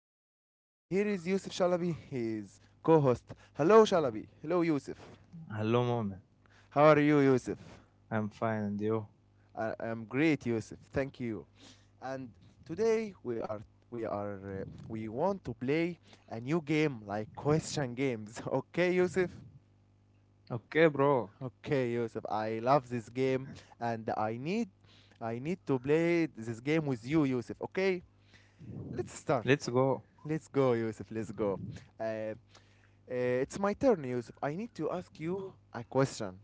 your host, and here is Yusuf Shalabi, his co-host. Hello Shalabi, hello Yusuf. How are you Yusuf? Hello, mom. I am great Yusuf, thank I'm you. fine, and you? And today we are we are we want to play a new game like question games. Okay Yusuf? Okay Yusuf, I love this Okay, game bro. and I need to play this game with you Yusuf, okay? Let's start. Let's go, Yusuf. Let's go. Let's go. Uh, it's my turn, Yusuf. I need to ask you a question.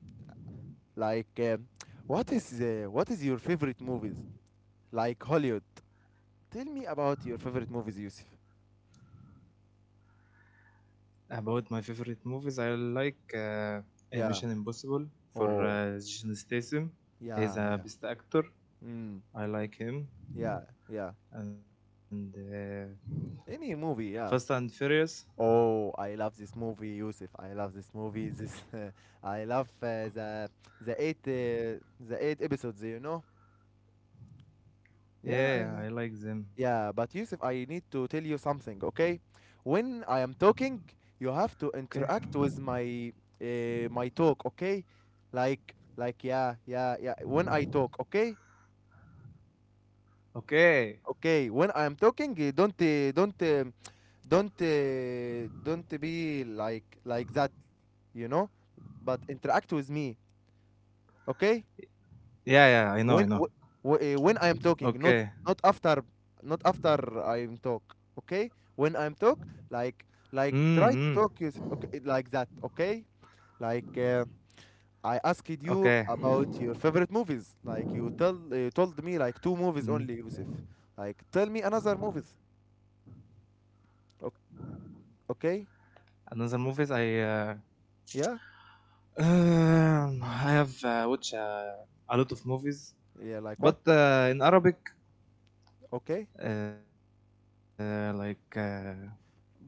Like, um, what is your favorite movies? Like Hollywood. Tell me about your favorite movies, Yusuf. About my favorite movies, Yeah. I like Oh. Mission Impossible for Yeah. Yeah. Jason Statham. Mm. He's a best actor. Yeah. Yeah. I like him. And Any movie. Yeah. Fast and Oh, I love Furious. this movie, Yusuf. I love this movie. This I love uh, the eight the eight episodes. You know. Yeah. Yeah, but Yeah, Yusuf, I yeah, I need like to tell them. you something, okay? When I am talking, you have to interact with Okay. my my talk, okay? Like yeah, yeah, yeah. When I talk, okay? Okay. When I am talking, Okay. don't don't be like that, you know? But interact with me, okay? when wh- Yeah, wh- eh, yeah. When I I know. am I know. talking, not not after not Okay. after I am talk. Okay, when I'm talk, like try to talk Mm. is Mm. okay like that. Okay, like I asked you about your Okay. favorite movies. Like you told me like two movies only, Yusuf. Like Mm. tell me another movies. Okay, okay, Another movies yeah, I have watched a lot of yeah. Like what? movies, but in Arabic, Okay, uh, like uh,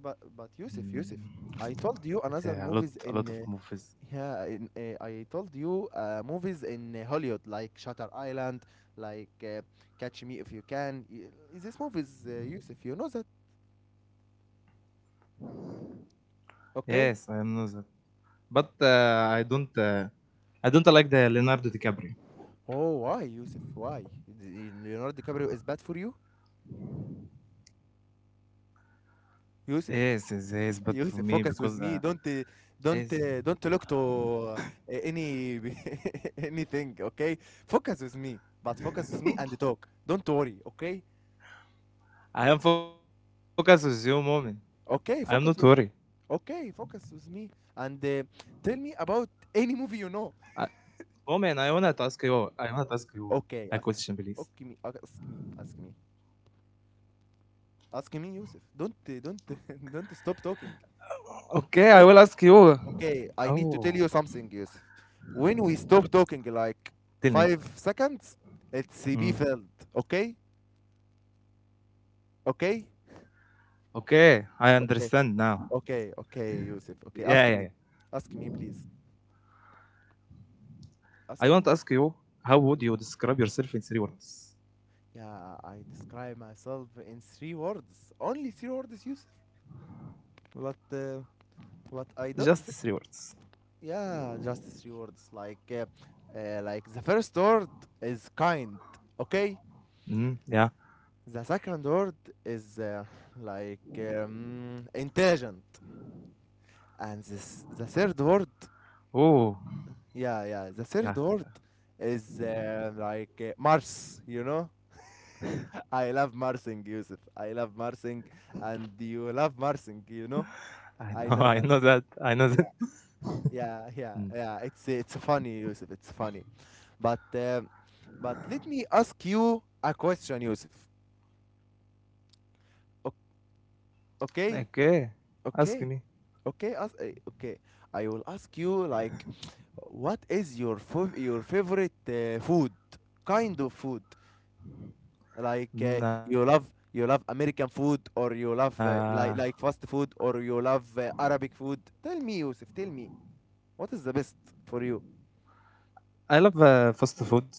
but Yusuf. I mm, told you another it, movies in a lot of movies. yeah, in, I told you movies in Hollywood like Shutter Island, like Catch Me If You Can. Is this movies, Yusuf? You know that, okay? Yes, I know that, but I don't, I don't like the Leonardo DiCaprio. Oh, why, Yusuf? Why? Leonardo DiCaprio is bad for you, Yusuf. Yes, yes, yes, but for Yusuf, me focus with because me. Don't yes, don't look to any anything, okay? Focus with me, but focus with me and talk. Don't worry, okay? I am focused with you, moment. Okay, I am focus not with. worried. Okay, focus with me and tell me about any movie you know. I, Okay, I ask. wanna ask Okay, you me. Okay, ask a me. Ask question, me. please. Ask me, Yusuf. Don't don't, don't stop talking. If we, st- Okay, I will ask Okay, I need to tell you. you something, Yusuf. Oh, When we stop talking, like 5 seconds, it's tell be me. filled. Okay, Mm. okay, Okay, okay, I understand okay, now. okay, Yusuf. Okay, ask me. Ask Yeah, me, yeah, yeah. please. Ask me. I want to ask you, how would you Yeah, describe I yourself in describe three myself words? in three words. Only three words, Yusuf. But uh, But I don't think, Just 3 words. yeah, justice rewards. Like the first word is kind, okay? The second word is Mm, yeah. Intelligent, and this the third word, Oh, yeah, the third word is yeah. Mars, you know? I love Marsing, Yusuf. I love Marsing, and you love Marsing, you know? I know I that. know, I know Yeah, that. I know that. yeah, yeah. It's funny, Mm. Yusuf. It's funny. But uh, but let me ask you a question, Yusuf. O- okay, Okay, okay, ask me. okay, ask, okay. I will ask you like, what is your your favorite food? Kind of food, like you love American food or you Mm, love uh, like fast food or you love Arabic food. Tell me, Yusuf. Tell me, what is the best for you?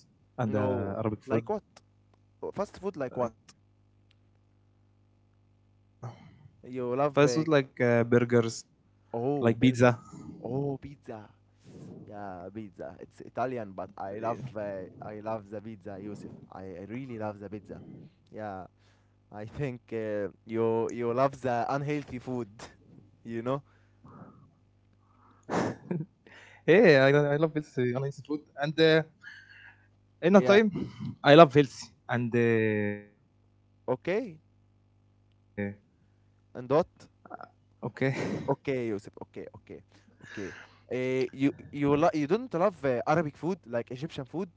I love No, fast like food what? and Fast food, like what? Arabic food. You love Fast food like burgers, oh burgers, like pizza. oh pizza. Yeah, pizza. It's Italian, but I love the pizza, Yusuf. I really love the pizza. Yeah, I think you love the unhealthy food, you know? Yeah, I love healthy unhealthy food. Yeah. And in a time, I love Okay. healthy. And And what? okay, Okay, Yusuf. Okay, okay. You don't love Arabic food like Egyptian food?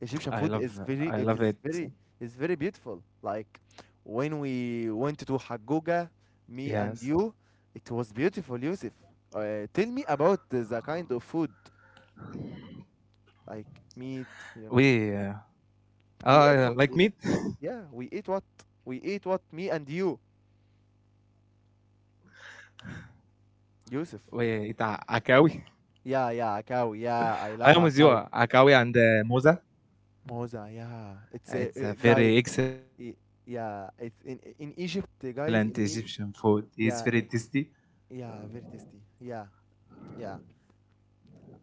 Egyptian food is very if it's very is very beautiful. I love Like I love when it. we went to Hagoga, me and Yes, you, it was beautiful, Yusuf. Tell me about the kind of food, like meat, you know. We we ate what we yeah, we ate what like meat. me and you, Yusuf. We eat a- Yeah, akawi. yeah, Akawi, yeah, I love Akawi. I am with you. Moza, Akawi yeah. and It's a moza. guys i- yeah, it's It's in a Egypt, very guys, excellent in E Egyptian food. It's yeah, very tasty. yeah, very tasty. Yeah. Yeah,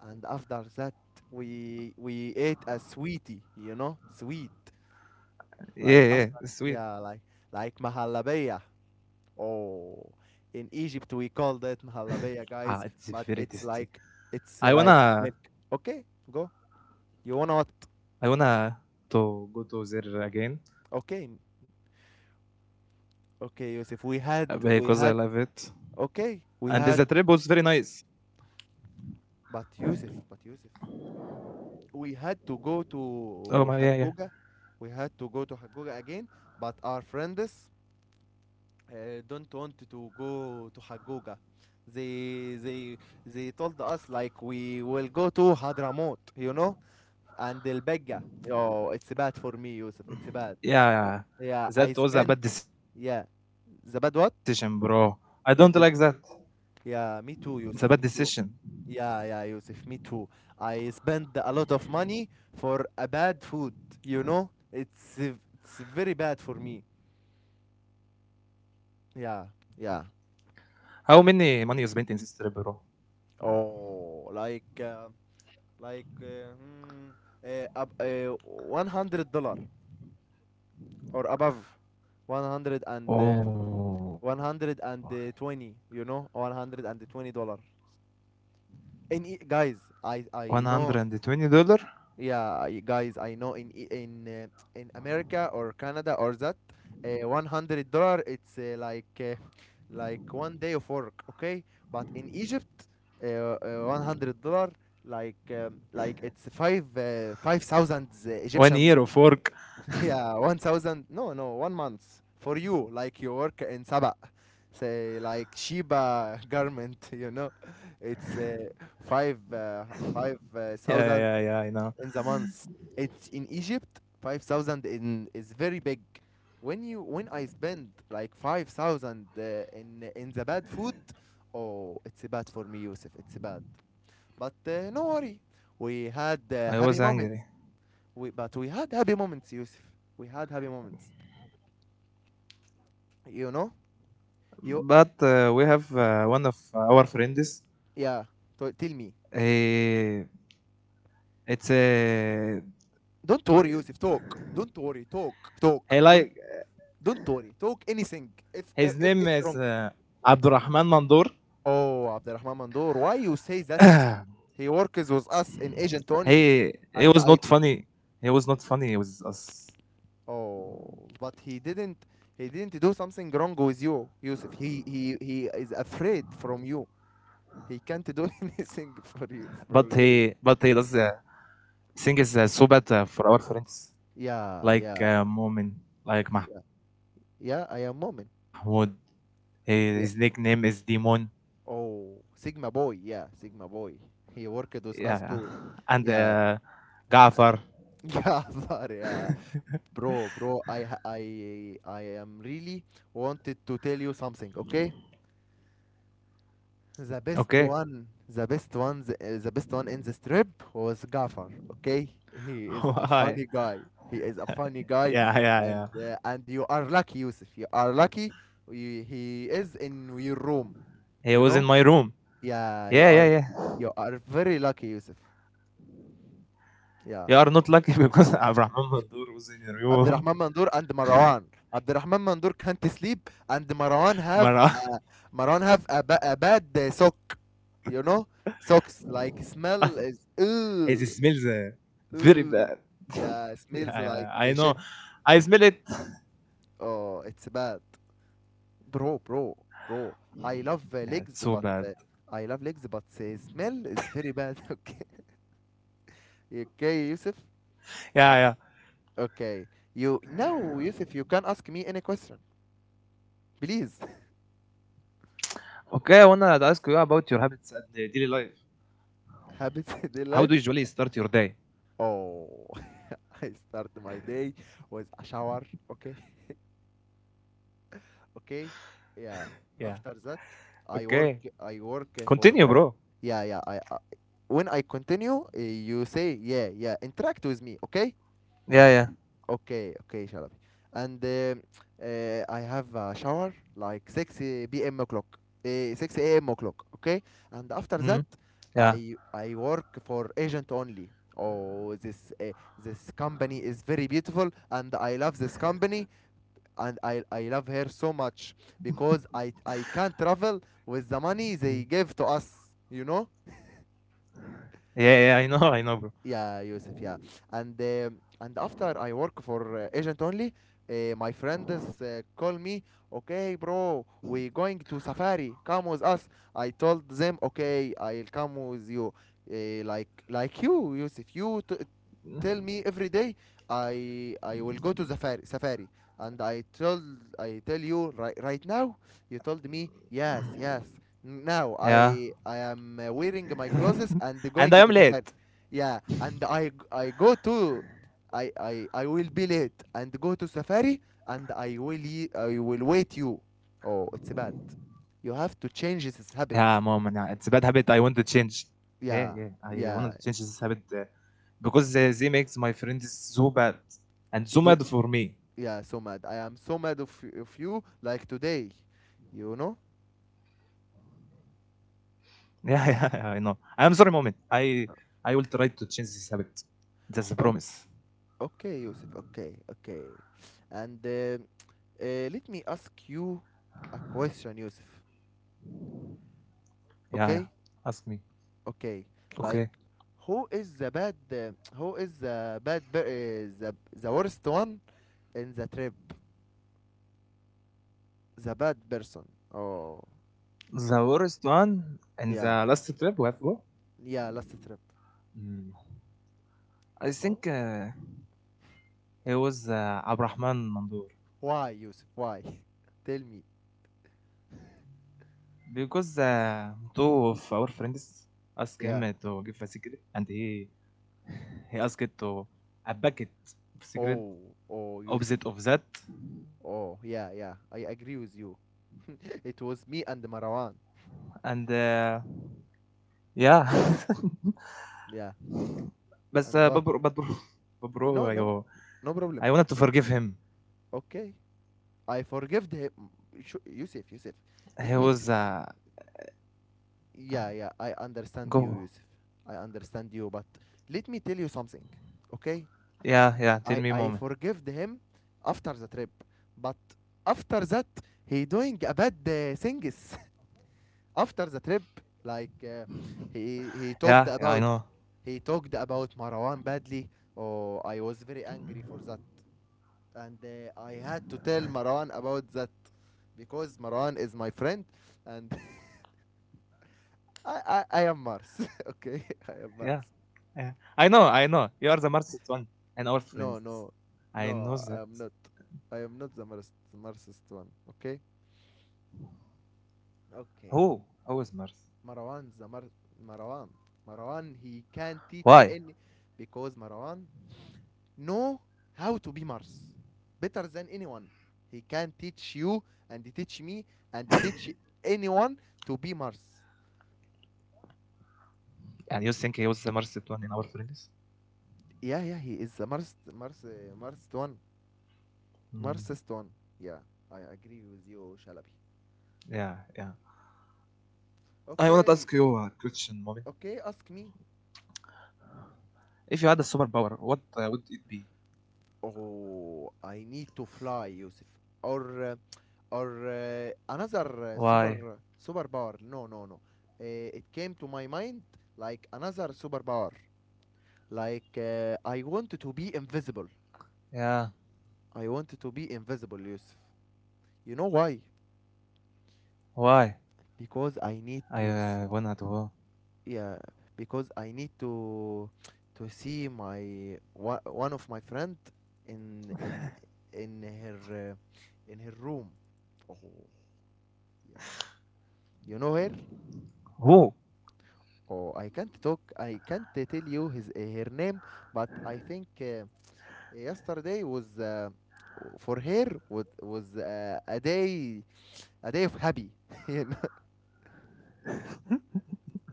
and after that we ate a sweetie you know sweet like after yeah like Yeah, mahalabeya. yeah, sweet. Oh, in Egypt we called that mahalabeya, guys, Ah, but it's very tasty. it's like I milk. Okay, wanna go. You want what? I wanna okay m- to go to there again okay Yusuf, because I love it. We And had the trip was very nice. but Yusuf, we had to go to hagoga we had Oh to my, go to yeah, yeah, Hagoga again, but our friends uh, don't want to go to Hagoga. They they told us like we will go to Hadramaut, you know, and El Belga. Oh, it's bad for me, Yusuf. It's bad. Yeah, I spent. yeah, yeah. Yeah, That was the a bad bad what? decision, bro. I Bad. don't This, like that. yeah, me too, Yusuf. Me It's a too. bad decision. Yeah, yeah, Yusuf. Me too. I spent a lot of money for a bad food. You know, it's very bad for me. Yeah, yeah. How many money you spent in this trip, bro? Oh, like. Like uh, hmm, $100 or above 100, and Oh, 120, you know, $120. Guys, i one i hundred know, and twenty dollar. yeah. Guys, I know, in E- in in America or Canada or that, $100, it's like one day of work, okay? But in Egypt, uh, $100, like it's 5,000 One Egyptian. year of work. Yeah, 1000. No, no, 1 month for you, like you work in Sabah, say like Shiba garment, you know. It's 5 uh, Yeah, 5,000 yeah, yeah. Yeah, I know. in the month. It's in Egypt 5,000 in is very big. When you when I spend like 5,000 in the bad food, oh, it's bad for me, Yusuf. It's bad. But no worry. We had happy I was moments. angry, We but we had happy moments, Yusuf. We had happy moments. You know? You but we have one of our friends. yeah. So tell me. Uh, it's a Don't worry, Yusuf. Talk. Don't worry. Talk. Talk. he Don't like don't worry. Talk anything. his name is If it's wrong. Abdurrahman Mandur. Oh, Abdurrahman Mandoor, why you say that? He works with us in agent only, he and he I. was not funny. He was not funny with us, Oh, but he didn't. He didn't do something wrong with you, Yusuf. He is afraid from you. He can't do anything for but you. For you. he does thing is so bad for our friends Yeah, yeah, like Momin, yeah. like Mahmoud. Yeah, I am moment. He, his nickname is Demon. Oh, Sigma Boy, yeah, Sigma Boy. He worked Yeah, with yeah. us too. And Yeah, Gafar. yeah, sorry, yeah. Bro, bro, I ha- I am really wanted to tell you something, okay? Okay, The best one in the strip was Gaffer, okay? He is a why? funny guy. He is a funny guy, Yeah, yeah, yeah. And you are lucky, Yusuf. You are lucky. You, He he was in is my in room. your room, you Yeah, know? yeah, yeah. Yeah, you are very lucky, Yusuf. You are Yeah. not lucky because Abraham Mandur was in your room. Abdurrahman Mandur and Marwan. Abdurrahman Mandur Mara. can't sleep, and Marwan have a, a bad sock. You know, socks like It smell is smells ooh very bad. ooh. Yeah, Yeah, smells yeah, like I know. shit. I smell it. Oh, it's bad, Yeah, bro, it's so bro, bad. bro. I love legs, but smell is very bad. Okay, okay, Yusuf. Yeah, yeah. Okay, you now, Yusuf, you can ask me any question, Okay, I please. wanna ask you about your habits and daily life. How do you usually Habits start your in day? life. Oh, I start my day with a shower. Okay, Yeah. okay, Okay. yeah. After that, Continue, bro. I work. I work for yeah, yeah. I when I continue, you say yeah, yeah. Interact with me, okay? Yeah, yeah. Okay, okay, shall I? And I have a shower like 6 p.m. o'clock, 6 a.m. Mm, o'clock, okay? And yeah. after that, I work for agent only. Oh, this company is very beautiful, and I love this company, and I love her so much because I Mm. I can't travel with the money they give to us, you know? Yeah, yeah, I know, I know, bro. Yeah, Yusuf, yeah. And and after I work for agent only, my friends call me, okay, bro, we going to safari. Come with us. I told them, okay, I'll come with you. Like you, Yusuf, tell me every day I will go to safari and I tell you right now, you told Yeah. me yes yes. Now I am And I am wearing my late. clothes and going to safari, yeah, and I go to I I will be late and go to safari, and I will I will wait you. Oh, it's bad. Yeah, moment. Yeah, You it's a have bad to habit. change I this want to habit. change. Yeah, yeah. I Yeah, wanted to change this yeah, habit because they makes my friends so bad and so mad for me. yeah, so mad. I am so mad of, of you, like today, you know? Yeah, yeah. I know. I'm sorry, moment. I will try to change this habit. That's a promise. Ok- Okay, Yusuf, okay, okay. And let me ask you a question, Yusuf. Yeah, yeah. Ask me. Okay? Okay. Okay. Like, who is the bad, who is the bad, the worst one in the trip? The The bad worst person. one Oh, and the last trip we have go. yeah. Yeah, last Mm, trip. I think Oh. It was Abrahman Mandur. Why, Yusuf? Why? Tell me. Because two of our friends asked him to give a secret, Yeah. and he asked to a bucket of secret Oh, oh, Yusuf. opposite of that, Oh, yeah, yeah. I agree with you. and It was me and Marwan. yeah. But Yeah. uh, but bro, but bro, And what? but bro, No, you, no. No I problem. wanted to forgive him. Okay. I He forgive him. was Yusuf, Yusuf. Let me s go. yeah, yeah. I understand you, Yusuf. I understand you, but let me tell you something. Okay? Yeah, yeah. I Tell me, I moment. forgived him after the trip, but after that he doing a bad things after the trip. Like Yeah, yeah. I know. he talked about he talked about Marwan badly. Oh, I was very angry for that. And I had to tell Marwan about that because Marwan is my friend and I am Mars. Okay, Yeah. I am Mars. Uh, I know, I know. You are the Mars one No, and our no, friends. no, I am I not. know that. I am not the Mars, the Marsist one. Okay? Who? Who is Mars? Okay. Marwan, the Mar- Marwan. Marwan, he can't teach Why? any because Marwan know how to be Mars better than anyone. He can teach you and teach me and teach anyone to be Mars. And you think he was the Mars one in our friends? Yeah, yeah, he is a Mars one, Marsist one. Yeah, I Mm, agree with you, Shalabi. yeah, yeah. I want to ask you Okay, a question, moment. okay, ask me. If you had a superpower, what would it Oh, be? I need to fly, Yusuf. Or, uh, or another Why? Super power. No, no, no. Uh, it came to my mind like another superpower. Like, I wanted to be invisible. I wanted to be invisible, Yusuf. Yeah. You know why? Why? Because I need I to, wanna do. yeah, because I need to see my one of my friend in in her room. Oh, yeah. You know her? Who? Oh, I can't talk. I can't tell you his her name, but I think yesterday was. For her was a day are they happy? you know,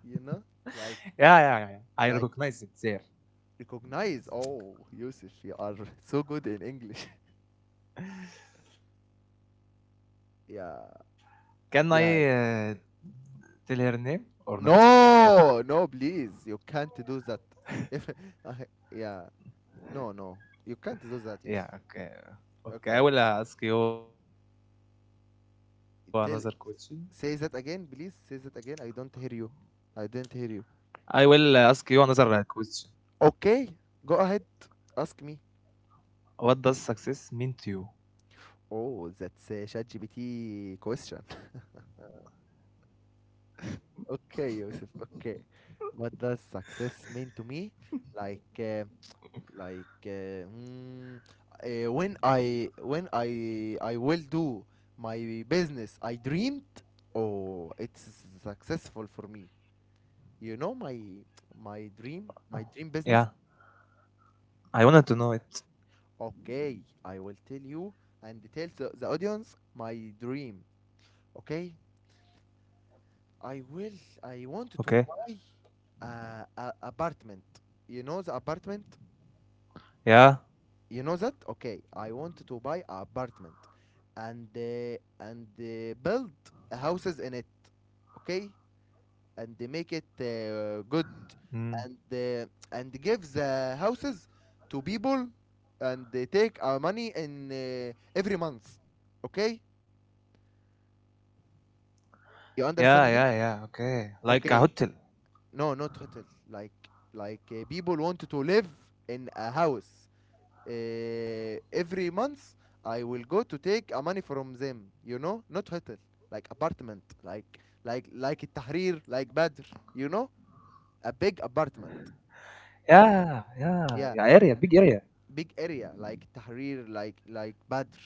you know, like Yeah, yeah, yeah, yeah. like I recognize it there. recognize. Oh, Yusuf, you are so good in English. yeah, Can I yeah. tell her name or not? No, no, please, you can't do that. If I- yeah, no, no, you can't do that, Yusuf. Yeah, okay. Okay, Okay, I will ask you another question. tell say that again, please. Say that again. I don't hear you. I didn't hear you. I will ask you another question. Okay, go ahead. Ask me. What does success mean to you? Oh, that's a ChatGPT question. Okay, Yusuf. Okay. What does success mean to me? Like, like uh, mm, when I will do my business I dreamed. Oh, it's successful for me. You know my my dream Yeah, business. I wanted to know it. Okay, I will tell you and tell the audience my dream. Okay, Okay. I will. I want to buy a apartment. You know the apartment. Yeah. You know that. Okay, I want to buy an apartment and build houses in it. Okay. And they make it good Mm. and uh, and give the houses to people and they take our money in every month. Okay, you understand Yeah, me? yeah, yeah. Okay. Like Okay, a hotel. no, not hotel. like like people want to live in a house every month. I will go to take money from them, you know, not hotel, like apartment, like Tahrir, like Badr, you know, a big apartment. Yeah, Yeah, yeah, big yeah. area Area, like big area. Tahrir, like Badr,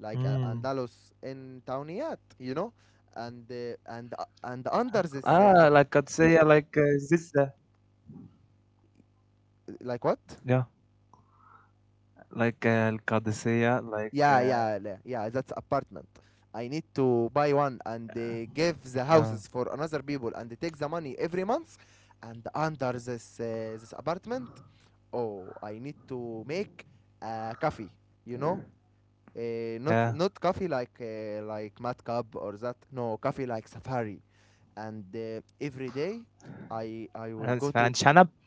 like Andalus in Tawniyat, you know, Mm. And under Ah, this like Qadsiya, like this. Like what? Yeah, Yeah, like yeah, Al yeah. That's Qadsiya, apartment. like. I need to buy one and give uh, the houses for another people and take the money every month. And under this this apartment, oh, I need to make a coffee. You know, not not coffee like Mad yeah. Cub or that. No, coffee like Safari. And every day, I will And go to Shanab,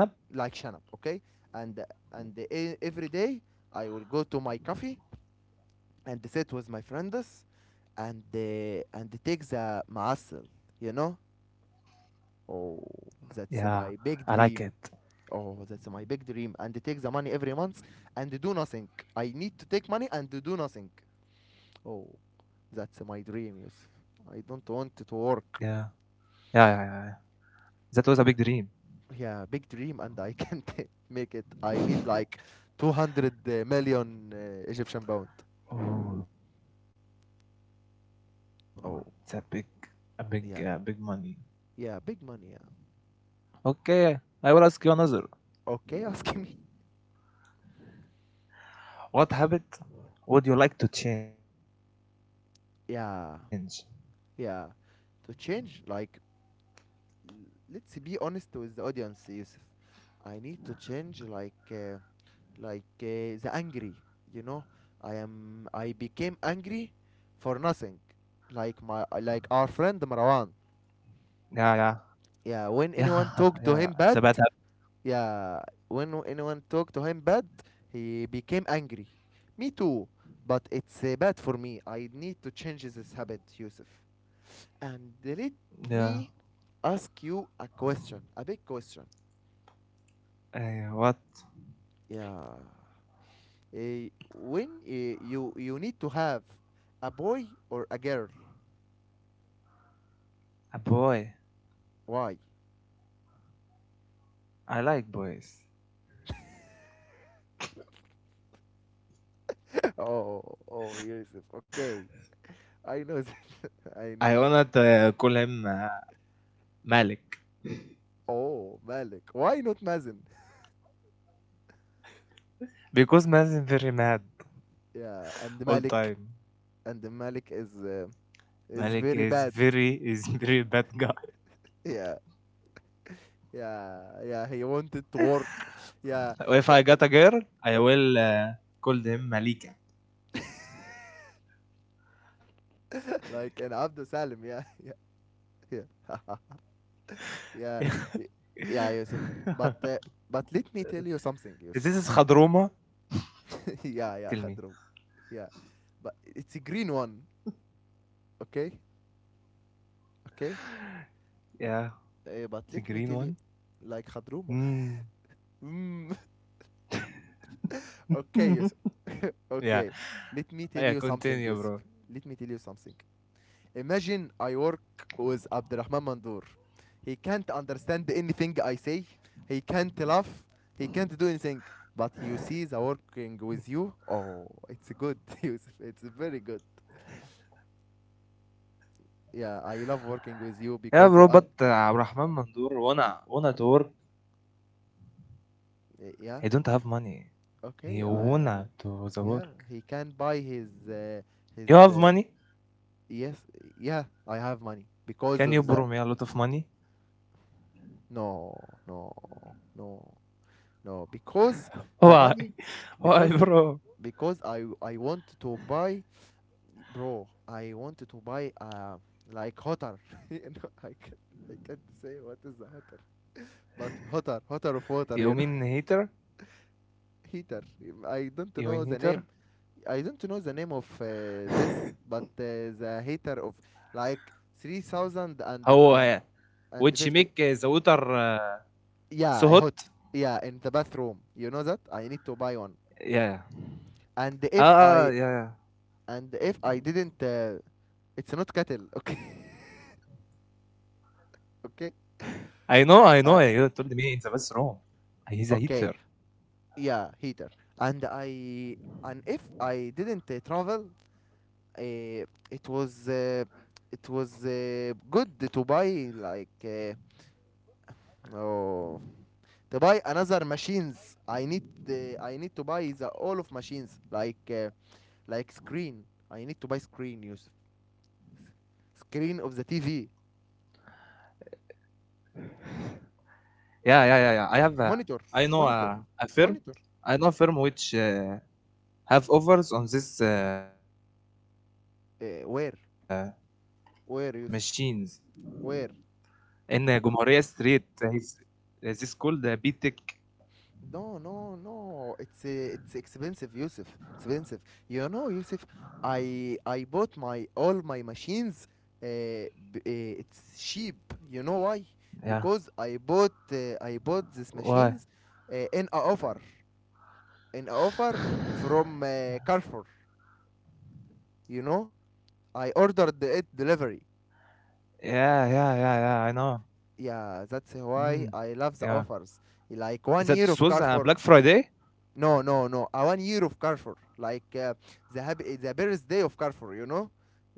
like like Shanab. Shanab, okay? And every day I will go to my coffee and they sit with my friends and they take the mussel, you know? Oh, that's my big Yeah, dream. I like it. Oh, that's my big dream. And they take the money every month and they do nothing. I need to take money and they do nothing. Oh, that's my dream, Yusuf. I don't want to Yeah. work. Yeah, yeah, yeah. Yeah. That was a big dream. Yeah, big dream, and I can't make it. I need like 200 million Egyptian pound. Oh, it's Oh, a big, big yeah. money. Yeah, big money, yeah. Okay, I will ask you another. Okay, asking me. What habit would you like to change? Yeah. Yeah, to change, like, let's be honest with the audience, Yusuf. I need to change, like, the angry. You know, I am. I became angry for nothing. Like my, like our friend Marwan. Yeah, yeah, Yeah, when yeah, anyone talked to him yeah, yeah. bad, It's a bad yeah, anyone talked to him bad, he became angry. Me too, but it's bad for me. I need to change this habit, Yusuf. And let me habit. Yeah. ask you a question, a big question. Eh, what? Yeah. When you need to have a boy or a girl, A boy. why? I like boys. Oh, oh, Yusuf. Okay, I know that. I know I that. wanna call him Malik Oh, Malik. Why not Mazen? because Malik is very mad Yeah, all time. and Malik is Malik very is bad. very is very bad guy. Yeah, yeah, yeah. He wanted to work. Yeah, eh, eh, If I got a ok. girl I will call them Malika. Like an Abdul Salim. Yeah, yeah, yeah. Is Yeah, y- yeah, Yusuf. But uh, but let me tell you something, this Yusuf. is Khadruma, yeah, yeah, tell Khadrum. me. Yeah, but it's a green one. Okay, okay. Yeah, But the let me green tell you, one. like Khadruma. Mm. mm, okay, Yusuf. okay, let Yeah, me tell you something, yeah, Yusuf. Let continue me tell bro. you something. Imagine I work with Abdurrahman Mandur. He can't understand anything I say. He can't laugh. He can't do anything. But you see the working with you. Oh, it's good. It's very good. Yeah, I love working with you Yeah because you bro, but Abdurrahman Mandur wanna to work, yeah. he don't have money, Okay. he wanna to the Yeah, work. he can buy his You have money, yes. Yeah, I have can you money borrow me a lot because of of the money? no, no, no, no. Because the Why? money Why, because bro? because I want to buy, bro. I want to buy like hotter. you know, I can I can't say what is the hotter, but hotter of water. You know, You mean hater? heater. I don't know the name. You mean hater? I don't know the name of this, but the heater of like 3,000 and How and which 50. make the water so Yeah, hot. hot. Yeah, in the bathroom. You know that I need to buy one. Yeah, yeah. And if I Ah, ah, yeah, yeah. and if I didn't, it's not kettle. Okay, okay. I I know, I know. You told me in the okay, bathroom. Yeah, He's a heater. heater. And I and if I didn't travel, uh, it was uh, it was good to buy like oh to buy another machines. I need to buy the all of machines like screen. I need to buy screen, Yusuf. Screen of the TV, Yeah, monitor, yeah, yeah, yeah. I monitor, have, monitor. I know a firm. I know firm which have Uh, offers on where, this where, Yusuf? machines Where? in Gomoria Street. Is this called No, BTEC? no, no. It's expensive, Yusuf. Expensive. You know, Yusuf, I bought my all my machines. Uh, it's cheap. You know why? Because Yeah. I bought these machines uh, in a Why? offer in a offer from Carrefour. You know, I ordered it delivery. Yeah, yeah, yeah, yeah. I know. Yeah, that's why I love the Mm, offers. Like one yeah. year of Carrefour, That no, was no, no. Black A 1 year of Friday. Carrefour, like the birthday of Carrefour. You know,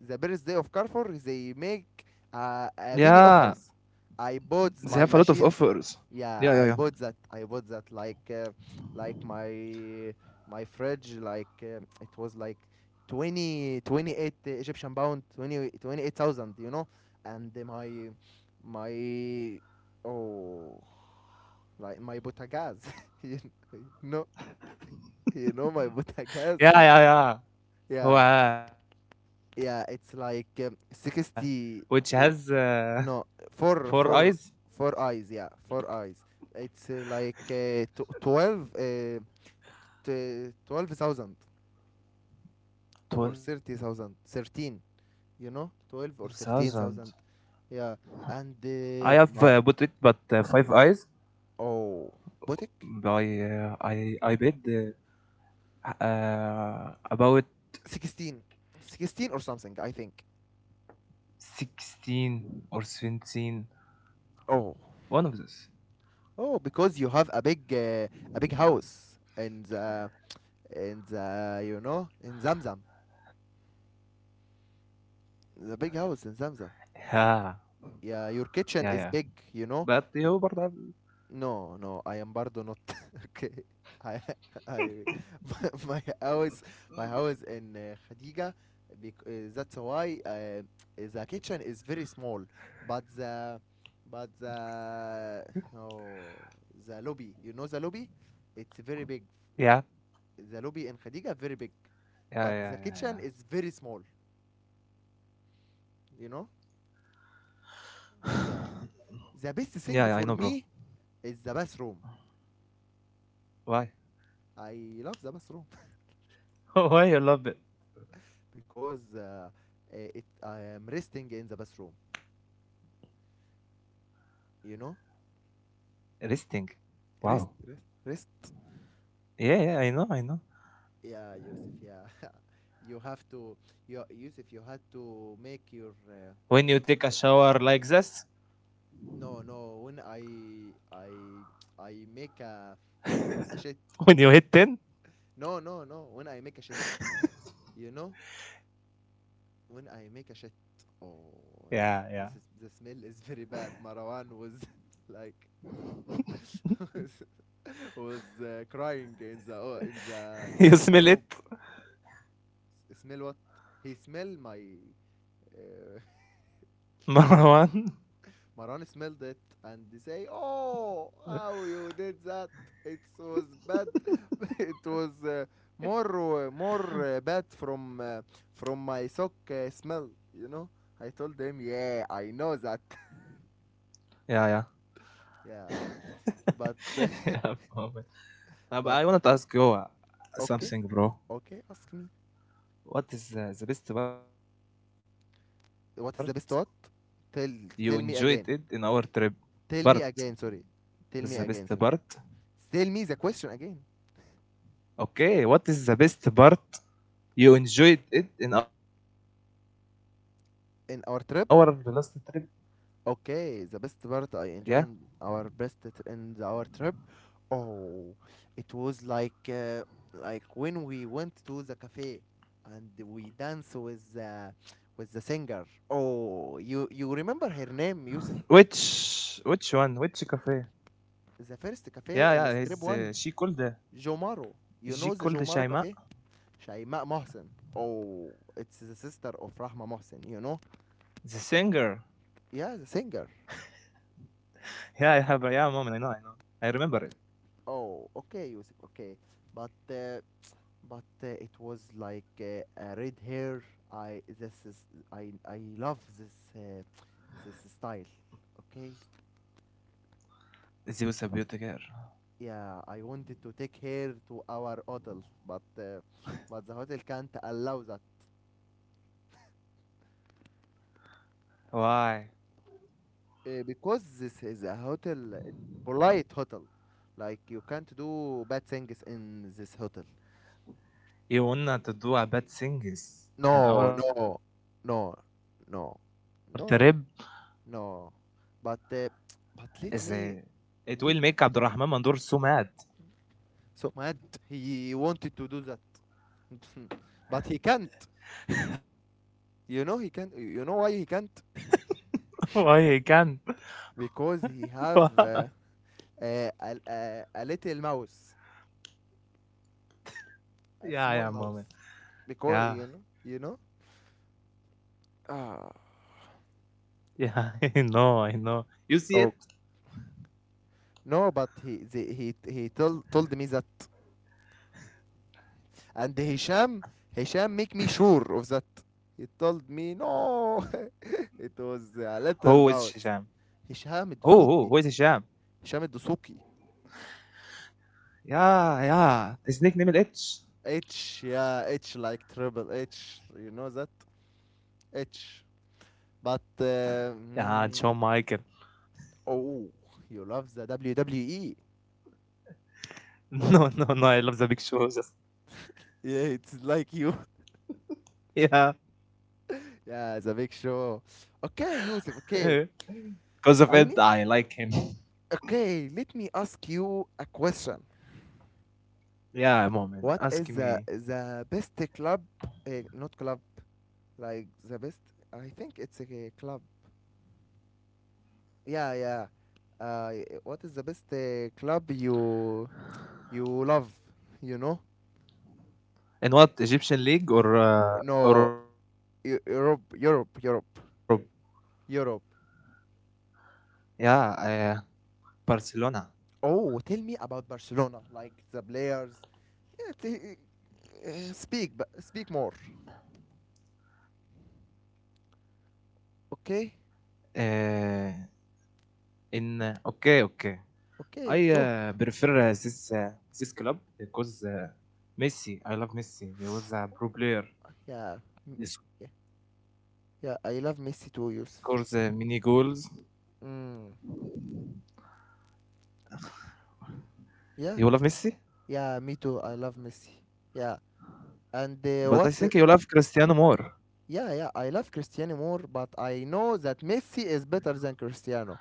the birthday of Carrefour. They make mini Yeah, offers. I bought my they have a machines. lot of offers. Yeah, I bought Yeah, that. yeah, yeah. I bought that. Like my my fridge. Like it was like 2028 Egyptian pound, twenty twenty eight thousand. You know, and my my oh, like my butagaz. You know. You know my بوتاجاز. Yeah, yeah, yeah yeah. yeah, Wow, it's like which has 60 i- four eyes. no, four four four eyes. Yeah, four eyes. It's 12 12,000 or 30,000, 13. 12,000. You know, 12 or I 13,000. have bought it Yeah. but And five eyes my by oh boutique I paid about 16, 16 or something I 16 think. or 17, one of those. Oh oh, because you have a big house and. In the you know in Zamzam, the big house in Zamzam. Yeah, Yeah, your kitchen yeah, is yeah. big, you know. But you برضه have- No, no, I am bardo not. Okay, I, I, my, my house, my house in Khadija. That's why the kitchen is very small, but but the, oh, the lobby. You know the lobby, it's very big. yeah, The lobby in Khadija very big, but the kitchen is yeah, yeah, very small. yeah, yeah. You know, Yeah, yeah, I know, yeah. bro. The best thing for me is the bathroom. Why? I love the bathroom Why you love it? because it I am resting in the bathroom. You know, Resting. Wow. Rest. Yeah, yeah, I know, I know. Yeah, Yusuf. Yeah, you have to. You, Yusuf, When you you had take a to shower make like your. this, No, no. When I make a when shit. you hit 10, No, no, no. When I make a shit, you know, when I make a shit. yeah, Oh, this is the smell is very bad. Marwan was like yeah. was crying in the room. You smell it, Smell what? He smell my. Uh, Marwan. Maran smelled it and they say, "Oh, how you did that? It was bad. it was uh, more uh, more bad from my sock smell. You know." I told him, "Yeah, I know that. Yeah, yeah. yeah, but Yeah, oh, man. but But I want to ask you okay, okay. Ask me something, bro. What is what is the the best best what? part? Tell Tell me You again. enjoyed it in our trip? Tell me again, sorry. Part. Tell me again, sorry. What is the Tell best me the question part? again. Okay, what is the best part you enjoyed In it our in trip, our last trip? okay, the best part I enjoyed our Yeah. best t- in our trip. Oh, it was like when we went to the cafe and we danced with the singer. Oh, you remember her name, Yusuf? Which one? Which cafe? The first cafe in Strip One, Yeah, yeah. He's Jomaro. You she know the called Jomaro cafe? Shaima Mohsen. She called Oh, Shaima, it's the sister of Rahma Mohsen, you know? the Yeah, singer. the singer. Yeah, I have yeah, Uh, moment. I know, I know. oh, I okay, Yusuf, remember it. okay. But uh, but it was like a red hair. I this is I love this this style. Okay. She Yeah, was a I beauty wanted to girl. take her to our hotel, but the hotel can't allow that Why? Because this is a hotel. It's polite hotel. Like you can't do bad things in this hotel. No, You no, wanna to do a no, bad no, things in our no. trip? No, but uh, but Is let, it will make Abdurrahman Mandur so so mad? mad. He wanted to do that, but he can't. You know he can't. You know why he can't? Why he can't? Because he have Yeah, a, a little mouse, a small mouse. Because you know, you know. yeah, moment. Yeah. Ah. Yeah, I know, I know. You Oh see it? no, but he the, he told me that, and Hisham make me sure of that. He told me no, it was a little Who is mouse. Hisham? هشام الدسوقي. Who is Hisham Hisham? Dasuki. Yeah, H, yeah. yeah, His H nickname is like H. triple H. You know that? H. But, uh, Yeah, mm, John Michael. oh, you love the WWE. No, no, Yeah, no. I it's love the like big you. show. Just, Yeah, the big show. yeah. Okay, Yusuf, okay. Because of I need, it, I like him. okay, let me ask you a question. What is the best club, Yeah, moment. Ask not club, me. like the best, I think it's a club. Yeah, yeah. Uh, what is the best club you love, you know? No, In what Egyptian league Europe, or Europe, Europe, Europe? Europe. Yeah, Oh, tell me Barcelona. about Barcelona, like the players. Yeah, t- speak, but speak more. Okay, Uh, in Okay, okay. okay, talk. I prefer this this club because Messi. I Yeah, love m- Messi. He yeah, was a pro player. yeah. I love Messi too, He Yusuf. scores many goals. Mm, yeah, You love yeah, me Messi, too. I love Messi. Yeah, and what? Yeah, yeah. but I I love think you love Cristiano more, but Cristiano I more. know that Messi is better than Cristiano.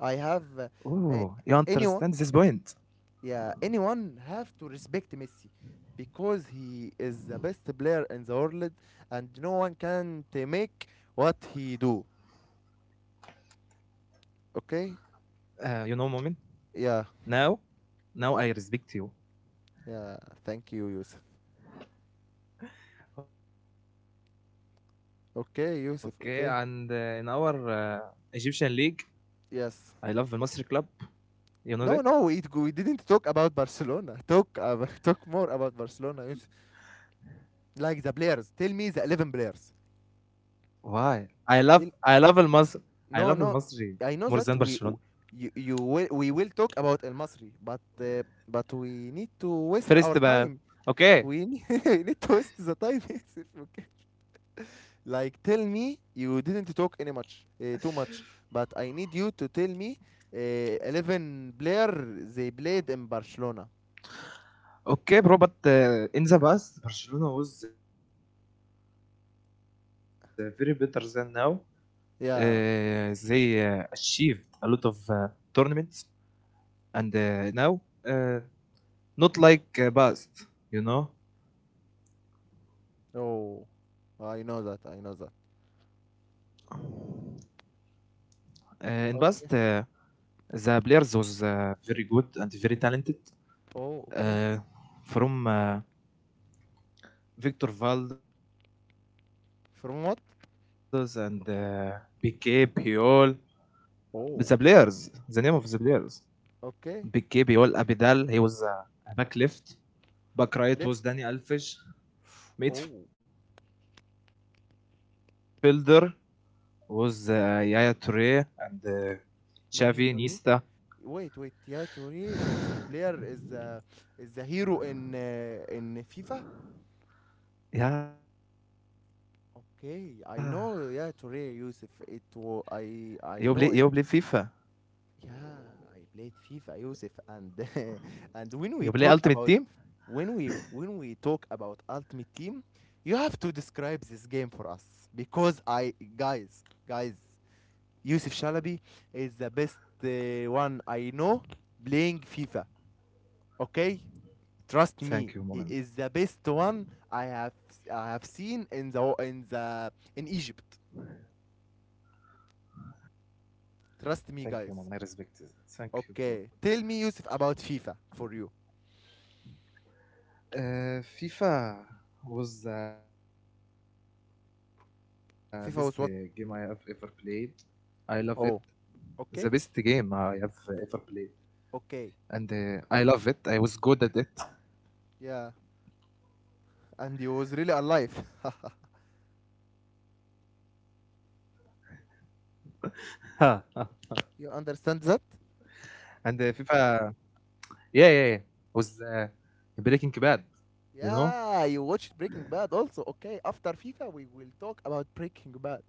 I have uh, anyone Oh, you understand Yeah, this point. anyone have to respect Messi because he is the best player in the world and no one can make what he do. Okay, yeah, You know, Momin. Now, yeah, now thank I you, Yusuf. respect you. Okay, Yusuf, Okay, okay. and in our Egyptian league, Yes, I love Al Masri no, club. no, we didn't talk You about know that. Barcelona. Talk talk more about Barcelona, Yusuf, like the players. Tell me the 11 players. Why? Tell I love المصر. I No, love no, I know المصري that we more w- than you, Barcelona. We will talk about El Masri, but we need to waste our time. We need to First, waste the time, but ياسر, okay. okay, Like tell me you didn't talk any much too much, but I need you to tell me uh, 11 player they played in Barcelona. okay, bro. But in the past, Barcelona was very better than now. Yeah, They achieved a lot of tournaments, and now uh, not like past, you oh, know. I know that. In Okay, past, the players was very good oh, and very okay. talented. Uh, from From what? Victor Valdes and Piqué, Puyol, Oh, the players, the name of the okay. players. Piqué, Puyol, Abidal, he was Left. A back left. Oh, Back right was Danny Alves. Midfielder was Yaya Toure and Yahya Touré. Xavi, Wait, wait, Nista. Yahya Touré, that's a player, is the hero in FIFA. Okay, I Yeah, know. Yeah, Toure, Yusuf. It was I know it. You play FIFA. Yeah, I played FIFA, Yusuf, and and when we talk about when we You when play we talk Ultimate Team? about Ultimate Team, you have to describe this game for us because I guys, guys, Yusuf Shalabi is the best one I know playing FIFA. Okay, trust me, he is the best one I have Thank you, moment. seen in the in the in Egypt. Trust me, guys. Thank you, Mom, I respect it. Okay. Tell me, Thank you, Yusuf, about bro. FIFA for you. FIFA was the FIFA best was what? Game I have ever played. I love Oh. it. Okay. The best game I have ever Okay. played, and I love Yeah. it. I was good at it. And he was really alive. you understand that? And FIFA, yeah, yeah, yeah, was Yeah. You watched Breaking Breaking Bad Bad. also. Okay. You know, After FIFA, we will talk about Breaking Bad.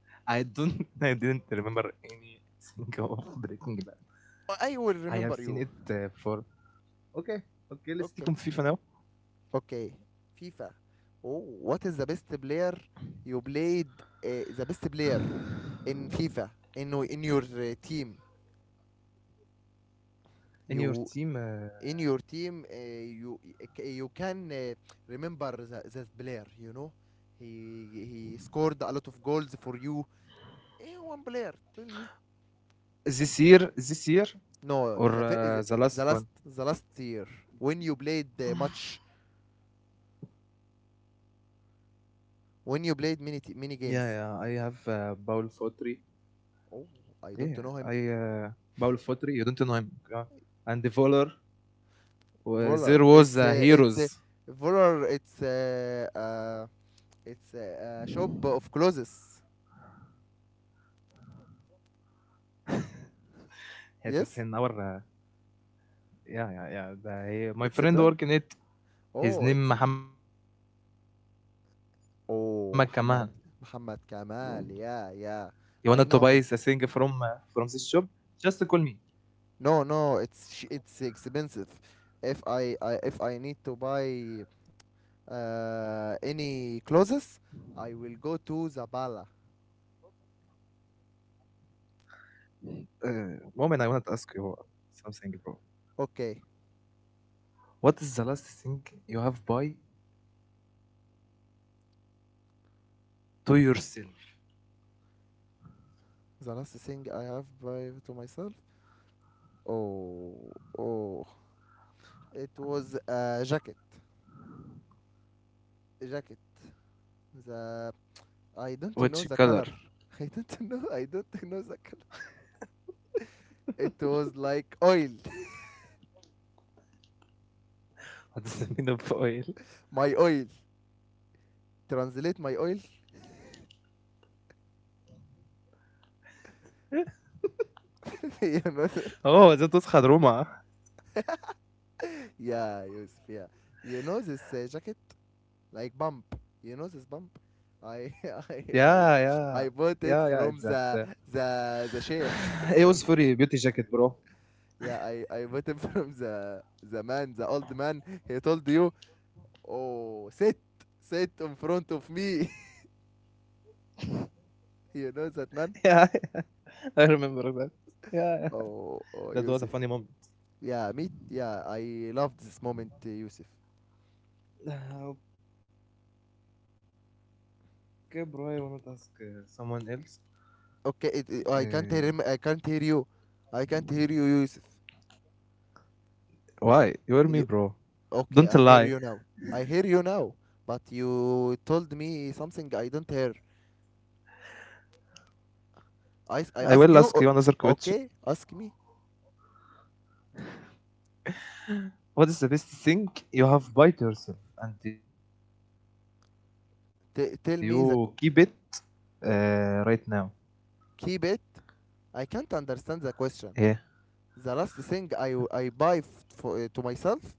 I don't, I didn't remember anything of Breaking Bad. I will remember you. I have seen it for Okay. okay, okay, let's Okay. stick on FIFA FIFA. now. Oh, what is the best player you played? The best player in FIFA in your team. You in In your your team, uh, team you uh, you can uh, remember that player, you know, he he scored a lot of goals for you. One player, tell me. this year No the fir- or The last, the the last last one? year when you played the match, Yeah, yeah. I when have you played Paul many Fotri. games. Yeah, I Oh, I don't uh, know him. Paul Fotri. You don't know him. Uh, and the Voller. Voller There was it's uh, it's uh, Heroes. Voller, it's a shop of clothes. Yeah, that's in our Yes, yeah, yeah, yeah. It's a brand. My friend working it. Oh, it's His name Muhammad Kamal. Oh, Muhammad You Kamal. wanna to buy Yeah, a yeah. thing I know him. From this shop? Just call me. No, no, it's expensive. If I need to buy any clothes, I will go to Zabala. Moment, I wanna ask you Okay. something, bro. What is the last thing you have buy to yourself? The last thing I have by to myself. Oh, oh. It was a jacket. A jacket. The I don't know Which the color? color. I don't know. I don't know the color. It was like oil. My oil. What is the mean of oil? Translate my oil. you know, Oh, that was Khadruma. yeah, Yusuf, yeah. You know this jacket, like bump. You know this bump. I I I Yeah, yeah. I bought it Yeah, yeah, from it's that. The sheikh. you know. it was for a beauty jacket, Yeah, I bro. Bought it from the man, the old man. He told you, oh, sit, sit in front of me. you know that man. Yeah, I remember that. Oh, Yeah, oh, yeah, Yusuf. that was a Yeah, me. funny moment. Yeah, I loved this moment, Yusuf. Uh, okay, bro, I wanna ask someone else. Okay, I can't hear him. I can't Uh, hear you. I can't hear you, Yusuf. You- Okay, I hear you why? now. You hear I me, hear you bro? now. But Don't lie. you told me something I don't hear. I ask you. I will ask you Okay, another ask me. question. What is the best thing you have bought yourself and Tell you me the keep it right now? keep it. I can't understand the question. The last thing Yeah, I buy for, to myself.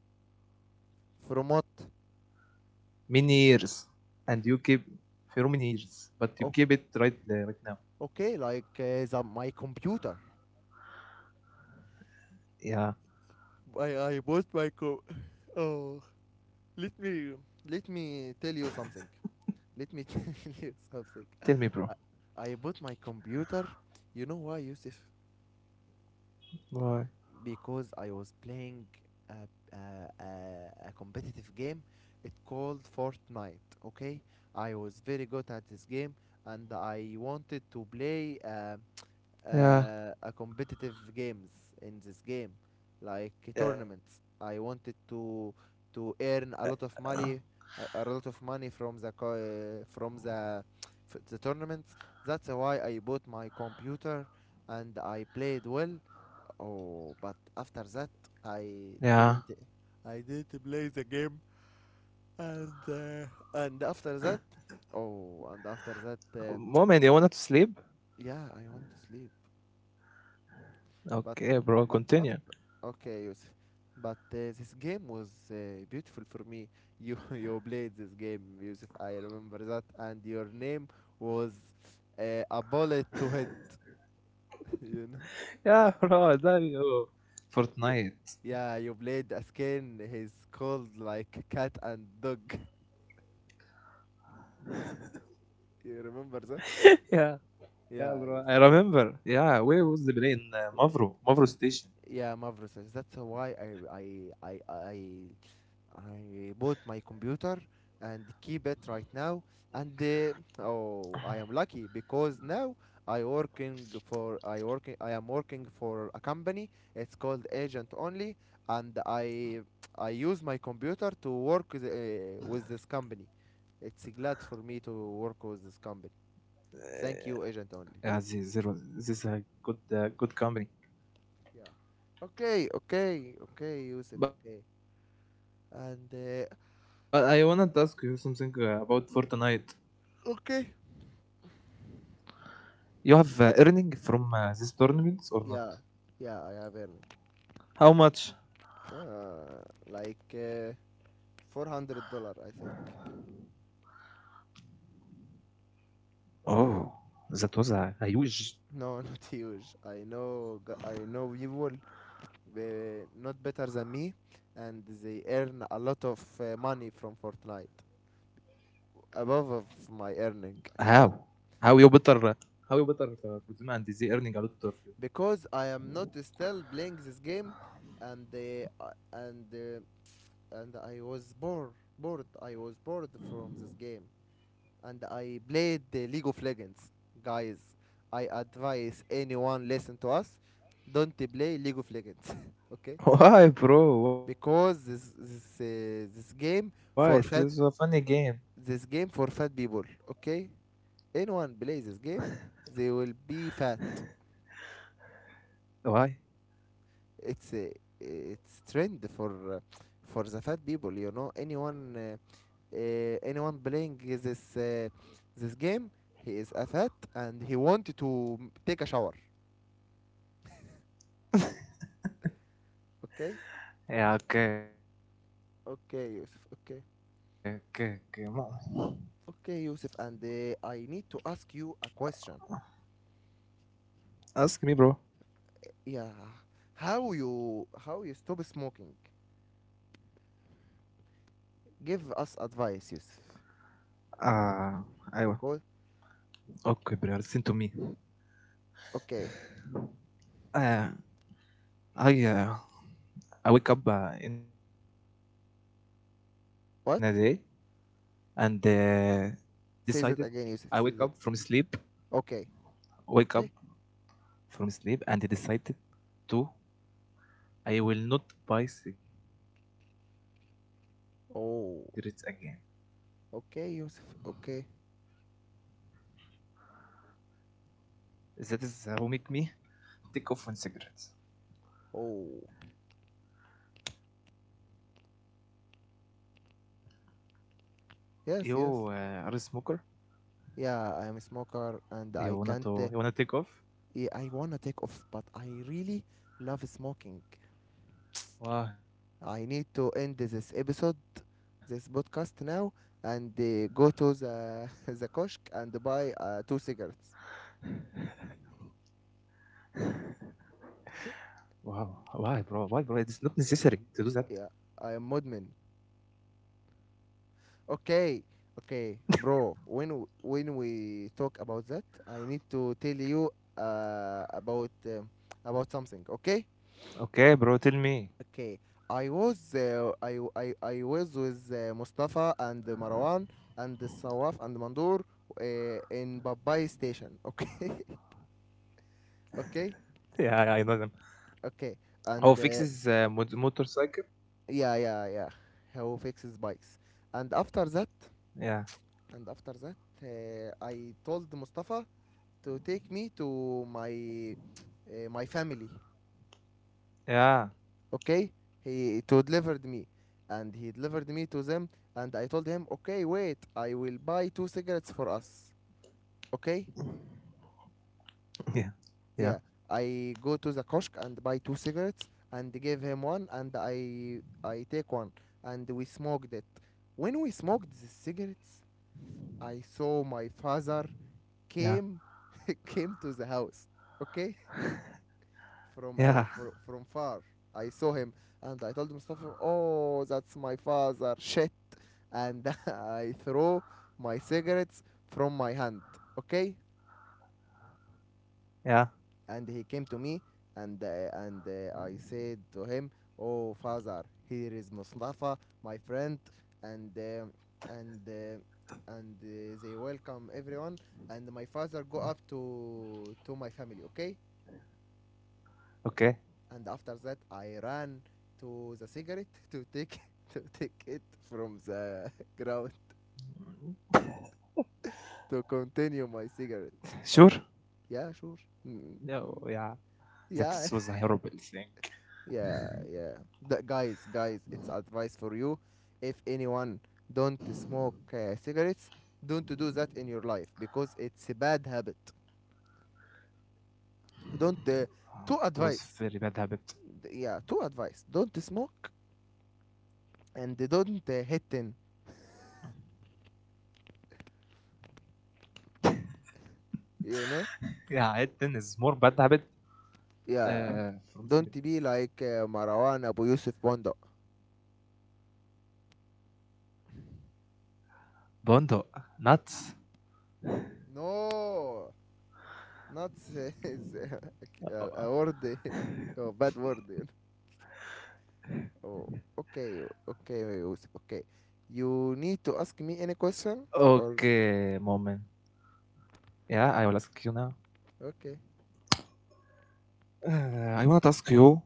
yeah, but from From what? Many years, and you keep from many years, Oh, but you keep it right okay, now. like my computer. I bought my Yeah, co. Oh, let me let me tell you something. Let me tell you something. I, tell me, I bro. bought my computer. You know why, Yusuf? Because I was playing a, Why? A competitive game. It called Fortnite. Okay, I was very good at this game, and I wanted to play. A competitive games in Yeah, this game, like tournaments. I wanted to yeah, earn a uh, lot of money, a lot of money from from the tournaments. That's why I bought my computer, and I played well. Oh, but after that, i didn't I didn't play the game. yeah. And uh, and after that Oh, and after that Moment, you wanna to sleep? yeah, I want to sleep. But but after Okay, okay, bro, Yusuf. continue. But this game was beautiful for me. You you played this game, Yusuf. I remember that, and your name was a bullet to head. You know, Yeah, you bro, I love yeah, you you. played a skin. He's Fortnite. called like cat and dog. You remember that? Yeah, Yeah, yes. yeah, bro. I remember. Yeah, where was the plane? Yeah, Mavrosaurus. Mavro, That's why Mavro station. I I I I bought my computer and keep it right now. And oh, I am lucky because now I am working for a company. It's called Agent Only, and I use my computer to work with this company. It's glad for me to work with this company. Thank you, Agent Only. Uh, yeah, there was this is a Yeah. good, good Okay, company. okay, okay, Yusuf. Okay, and But I wanna ask you something about Fortnite. okay. You have earning from these tournaments or Yeah, not? yeah, I have earned. How much? Uh, like uh, $400, I think. Oh, that was a huge. No, not huge. I know, I know people uh, not better than me, and they earn a lot of money from Fortnite, How? above of How you my better? earning. But How you better for them and they earning a lot of because I am not still playing this game, and uh, I- and uh, and I was bored, bored. I was bored from this game. And I played the League of Legends. Guys, I advise anyone listen to us, don't play League of Legends, okay? why, bro? Why? This is a Because funny game. This game for fat, this game for fat people, okay? Anyone play this game, they will be fat. Why? It's a it's trend for the fat people, you know. Anyone playing this this game, he is a fat and he wanted to take a shower, okay? Yeah, okay, okay, okay. Mo- Okay, Yusuf. Okay. Okay, Yusuf. And I need to ask you a question. ask me, bro. Yeah. How you stop smoking? Ah, Give us ايوه. advice, Yusuf. Bec- Okay, bro. Listen to Because me. okay. Uh, I uh, I wake up in a day and What? decided I wake up from sleep, Say that again, Yusuf. Say that. wake up Okay. Okay. from sleep and decided to I will not buy cigarettes again. Oh. Okay, Yusuf. Okay. That is who make me take off on cigarettes. Oh. You are a smoker? Yes, yes. You Yeah, wanna I'm a to you smoker wanna and take off? I can't yeah, I wanna take off, but I really love smoking. Why? I need to end this episode, this podcast now, and go to the the kiosk and buy two cigarettes. Wow. Why, bro? Why, bro? It's not necessary to do that. Yeah, I am modman. Okay, okay, bro. When we talk about that, I need to tell you about about something. Okay, Okay, bro. Tell me. okay. I was I, w- I was with Mustafa and Marwan and Sawaf and Mandur in Babai station. Okay, Yeah, okay. yeah. I know them. Okay Oh, and fixes motorcycle. yeah, how Yeah. fixes bikes, and after that, and after that I told Mustafa to take me to my my family. Yeah. Okay, he to delivered me he delivered me to them, and I told him, "Okay, wait, I will buy two cigarettes for us." Okay, Yeah. Yeah. yeah. I go to the kiosk and buy two cigarettes and give him one and I take one, and we smoked it. When we smoked the cigarettes, I saw my father came, came to the house, okay, from Yeah. our, fro- Yeah. from far. I saw him, and I told Mustafa, "Oh, that's my father, shit!" And I throw my cigarettes from my hand. Okay, Yeah. and he came to me, and I said to him, "Oh father, here is Mustafa, my friend, and uh, and they welcome everyone." And my father go up to my family, okay? And after that, Okay. I ran to the cigarette to take to take it from the ground to continue my cigarette. Sure. Oh, yeah, sure. Mm, mm, No. yeah, Yeah. That was a yeah, horrible yeah. thing. Guys, it's advice for you. If anyone don't smoke cigarettes, don't do that in your life because it's a bad habit. Don't. Two advice. It was Yeah, very two bad advice. habit. Don't smoke and don't hit in. You know. Yeah. It is more bad habit Yeah. Don't be like from Marwan Abu cigarettes. Yusuf Bondo. Bondo. Nuts. No, not is, a word, Uh, a bad word. Oh, okay, okay, Yusuf, okay. You need to ask me any question or Okay, moment. Yeah, I will ask you now. okay. Uh, I want to ask you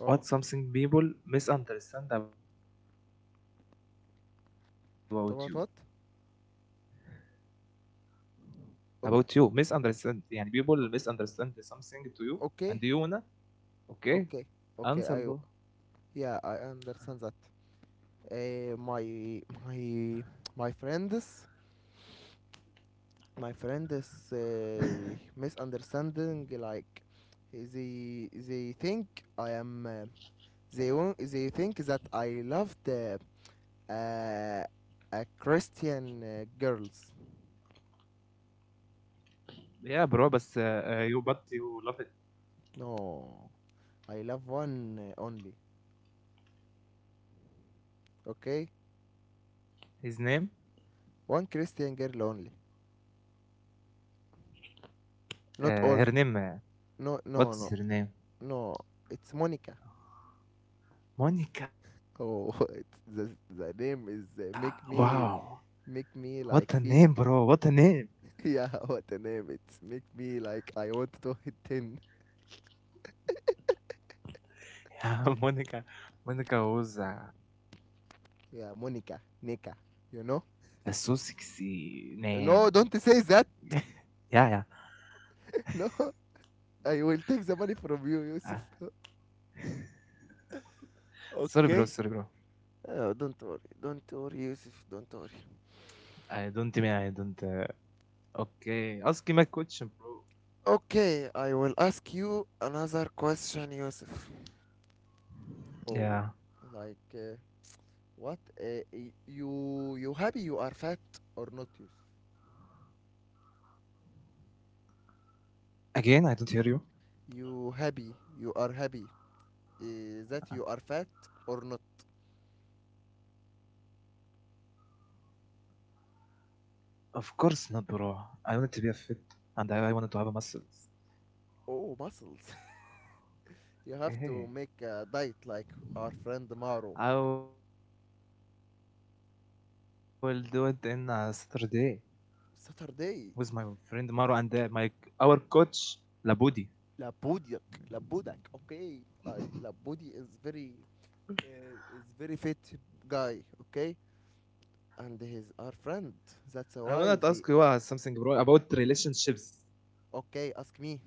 Oh, what something people misunderstand about you. about what? About you, misunderstand. O- يعني people misunderstand something to you and you okay, wanna okay okay, okay. I answer bro. yeah, I understand that. Uh, my my friends, my friend is misunderstanding. Like they think I am. They won't, they think that I love the uh, a Christian girls. Yeah bro بس you but you love it. No. I love one only. His name? Okay? One Christian girl only. Her Not name all. No, what no, is no, her name? no. It's Monica. Monica. Oh, Wow. it's the name What a is name, bro! What a name! make me like feel. Yeah, what a name. It's make me like I want to hit ten. Yeah, Monica, Monica was a so Yeah, Monica, sexy Nika. name. You know? yeah, No, yeah. don't say that. No, I will take the Uh, money from you, Yusuf. sorry, bro. Okay? Sorry, bro. Oh, don't worry. I don't Don't mean worry, I don't. Yusuf. Don't worry. Okay, ask me my question, bro. Okay, I will ask you another question, Yusuf. Oh, Yeah. like what? Uh, you happy you are fat or not, Yusuf? Again, I don't hear you. You happy? You are happy that you are fat or not? Of course not, bro. I wanted to be a fit, and I wanted to have a muscles. Oh, muscles! You have to Hey, make a diet like our friend Maro. I will do it in a Saturday with my friend Maro and Saturday, my our coach Labudi. labudiak, labudak. Okay, I labudi is very fit guy. Okay, I wanna ask you and he's our something, bro, friend. about That's why they relationships. okay, ask me.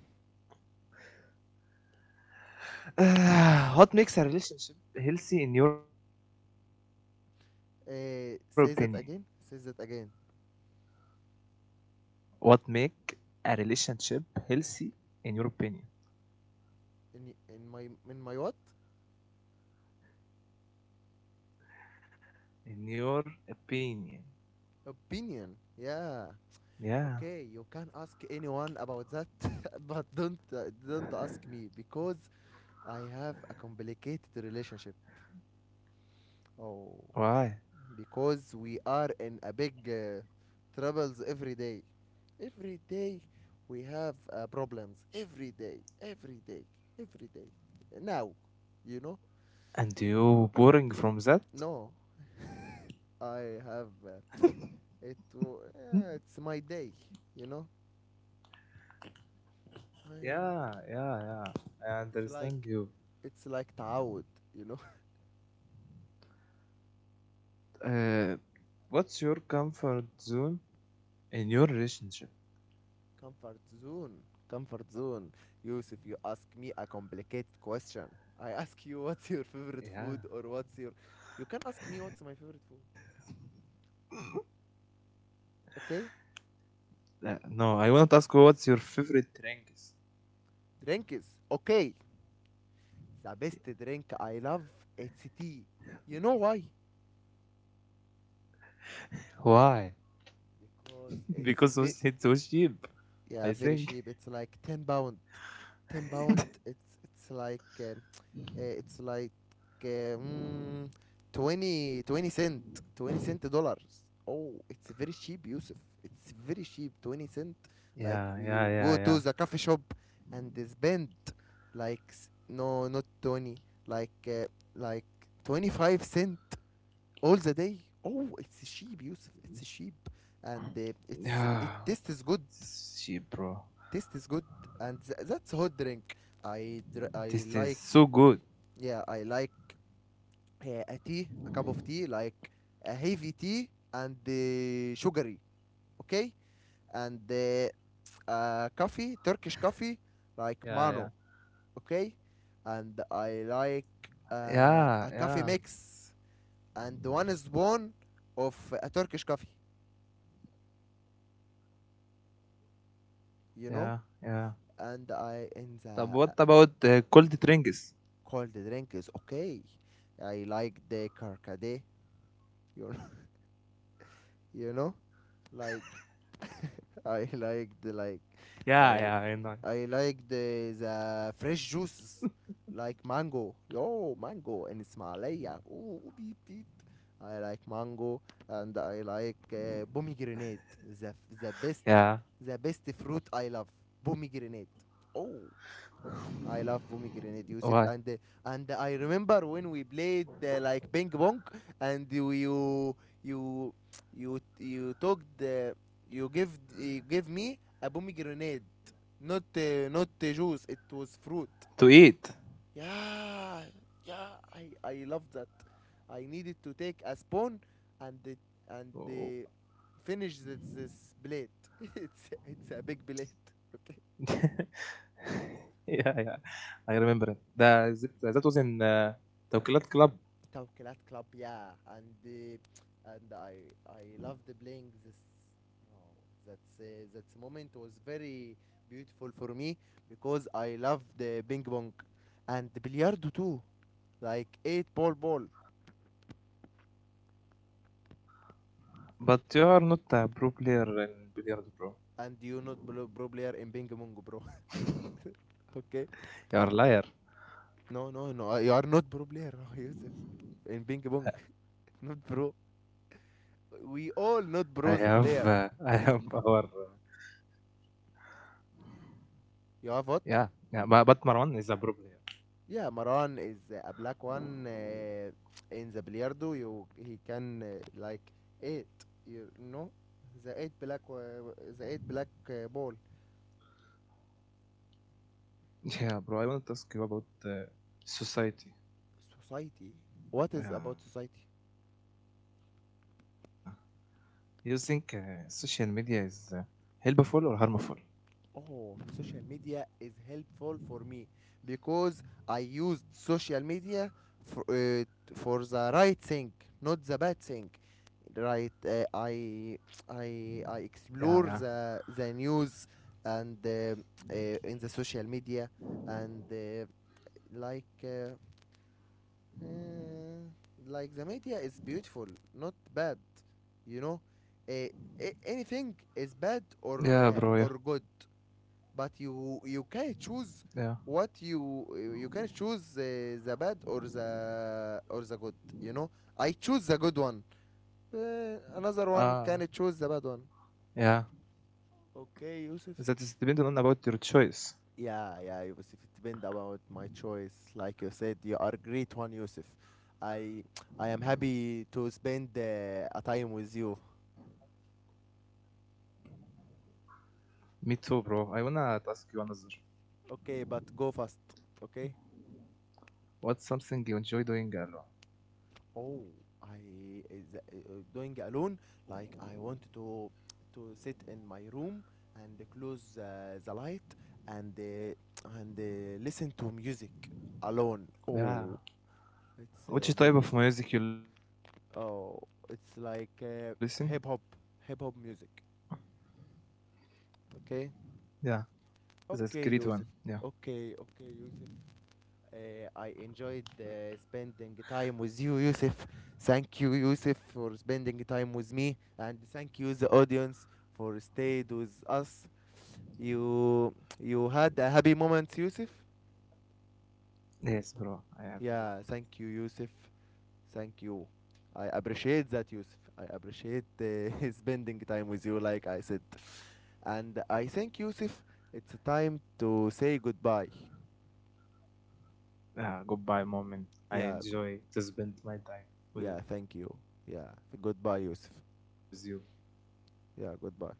what makes a relationship healthy in your opinion? Say that again. Say that again. What make a relationship healthy in your opinion? In my what? In your opinion, Opinion. Yeah. Okay, you can yeah. ask anyone about that, but don't ask me because I have a complicated relationship. Oh, Why? because we are in a big troubles every day. Every day we have problems. Every day, every day, every day. Now, you know? And you boring from that? No, I have. Hmm? Yeah, it's my day, you know. Yeah, I, yeah, yeah. I understand it's you. like it's like تعود, you know. Uh, what's your comfort zone in your relationship, Comfort zone, comfort zone. Yusuf, you ask me a complicated question. I ask you what's your yeah. favorite food or what's your. You can ask me what's my favorite food, okay? No, I want to ask you what's your favorite drink is. Drink is okay. The best drink I love, it's tea. You know why? Why? because it's so Because cheap, it's ve- I think. yeah, very cheap. It's like 10 pound. 10 pound it's like Uh, it's like um, 20 twenty cent, 20 cent dollars. Oh, it's very cheap, Yusuf. It's very cheap, 20 yeah, cent yeah, yeah, yeah. Like, you go to the coffee shop and they spend like no, not 20, like uh, like 25 cent all the day. Oh, it's cheap, Yusuf, it's Yeah, cheap. this And is cheap, it's bro. it taste is good, taste is good, and that's This hot is drink. so good. I dr- i like yeah i like uh, a tea, a cup of tea, like a heavy tea and sugary, okay? And Yeah, yeah, coffee, Turkish coffee, like mano, okay? And I yeah, like yeah, a coffee mix and one spoon of a Turkish coffee, yeah, yeah. you know? Tab- what about And cold I in drinks? the cold drink is okay. I like the karkade, you know, you know, like Yeah, yeah, I I know. like the like I I like the fresh juices like mango. Yo, mango in Ismailia. Oh, beep, beep. I like mango and I like Yeah. Pomegranate. The, the best, the best fruit I love. Pomegranate. Oh, Why? I love pomegranate, Yusuf, and I remember when we played like ping pong, and you you you took the you give me a pomegranate, not not juice. It was fruit. To eat. Yeah, yeah. I love that. I needed to take Oh. a spoon and it, and finish this plate. It's a big plate. Okay. yeah, yeah, I remember it. The is it, that was in the Clad Club. Tawkilat Club, yeah, and I loved playing this. Oh, that's that moment was very beautiful for me because I loved the ping pong and the billiardo too, like eight ball ball. But you are not a pro player in billiards, bro. And you not bro, pro player in ping pong, bro. Okay? You are liar. No, no, no. You are not pro player, Yusuf. In ping pong, not I pro. have, I have We our, all not pros player. yeah, yeah. You But have what? Marwan is a pro player. Yeah, Maran is a black one in the Billiardo. You he can like eight. You know the eight black ball. Yeah, bro. I want to ask you about society. Society. What is about Yeah, society? you think social media is helpful or harmful? Oh, social media is helpful for me because I used social media for for the right thing, not the bad thing. Right, Yeah, uh, yeah, I I I explore the news and uh, in the social media and like uh, uh, like the media is beautiful, not bad. You know, yeah, uh, bro. Yeah, anything is bad or good, but you yeah. can choose what you can choose the bad or the good, you know. I choose Ah, the good one. uh, yeah. Another one can choose the bad one. That is dependent on about Okay, your Yusuf. choice. Yeah, yeah, Yusuf, it depend about my choice, like you said. You are great one, Yusuf. i I am happy to spend a time with you. Me too, bro. I wanna ask you another. Okay, but go fast. Okay. What's something you enjoy doing alone? Oh, I is, uh, doing alone. Like, I want to sit in my room and close the light and listen to music alone. Yeah. Oh, it's Which a good type one. of music you listen? Oh, it's like hip hop, hip hop music. Yeah. Okay, That's great one. Yeah. okay, Yusuf. Okay, okay, Yusuf. I enjoyed spending time with you, Yusuf. Thank you, Yusuf, for spending time with me, and thank you, the audience, for stayed with us. You had a happy moment, Yusuf. Yes, bro. I have another moment. Yeah, thank you, Yusuf. Thank you. I appreciate that, Yusuf. I appreciate spending time with you, like I said. And I think, Yusuf, it's time to say goodbye. Goodbye moment. I Yeah, enjoy to spend my time yeah. with you. Thank you. Yeah, goodbye, Yusuf. Goodbye, mom. Yeah, goodbye.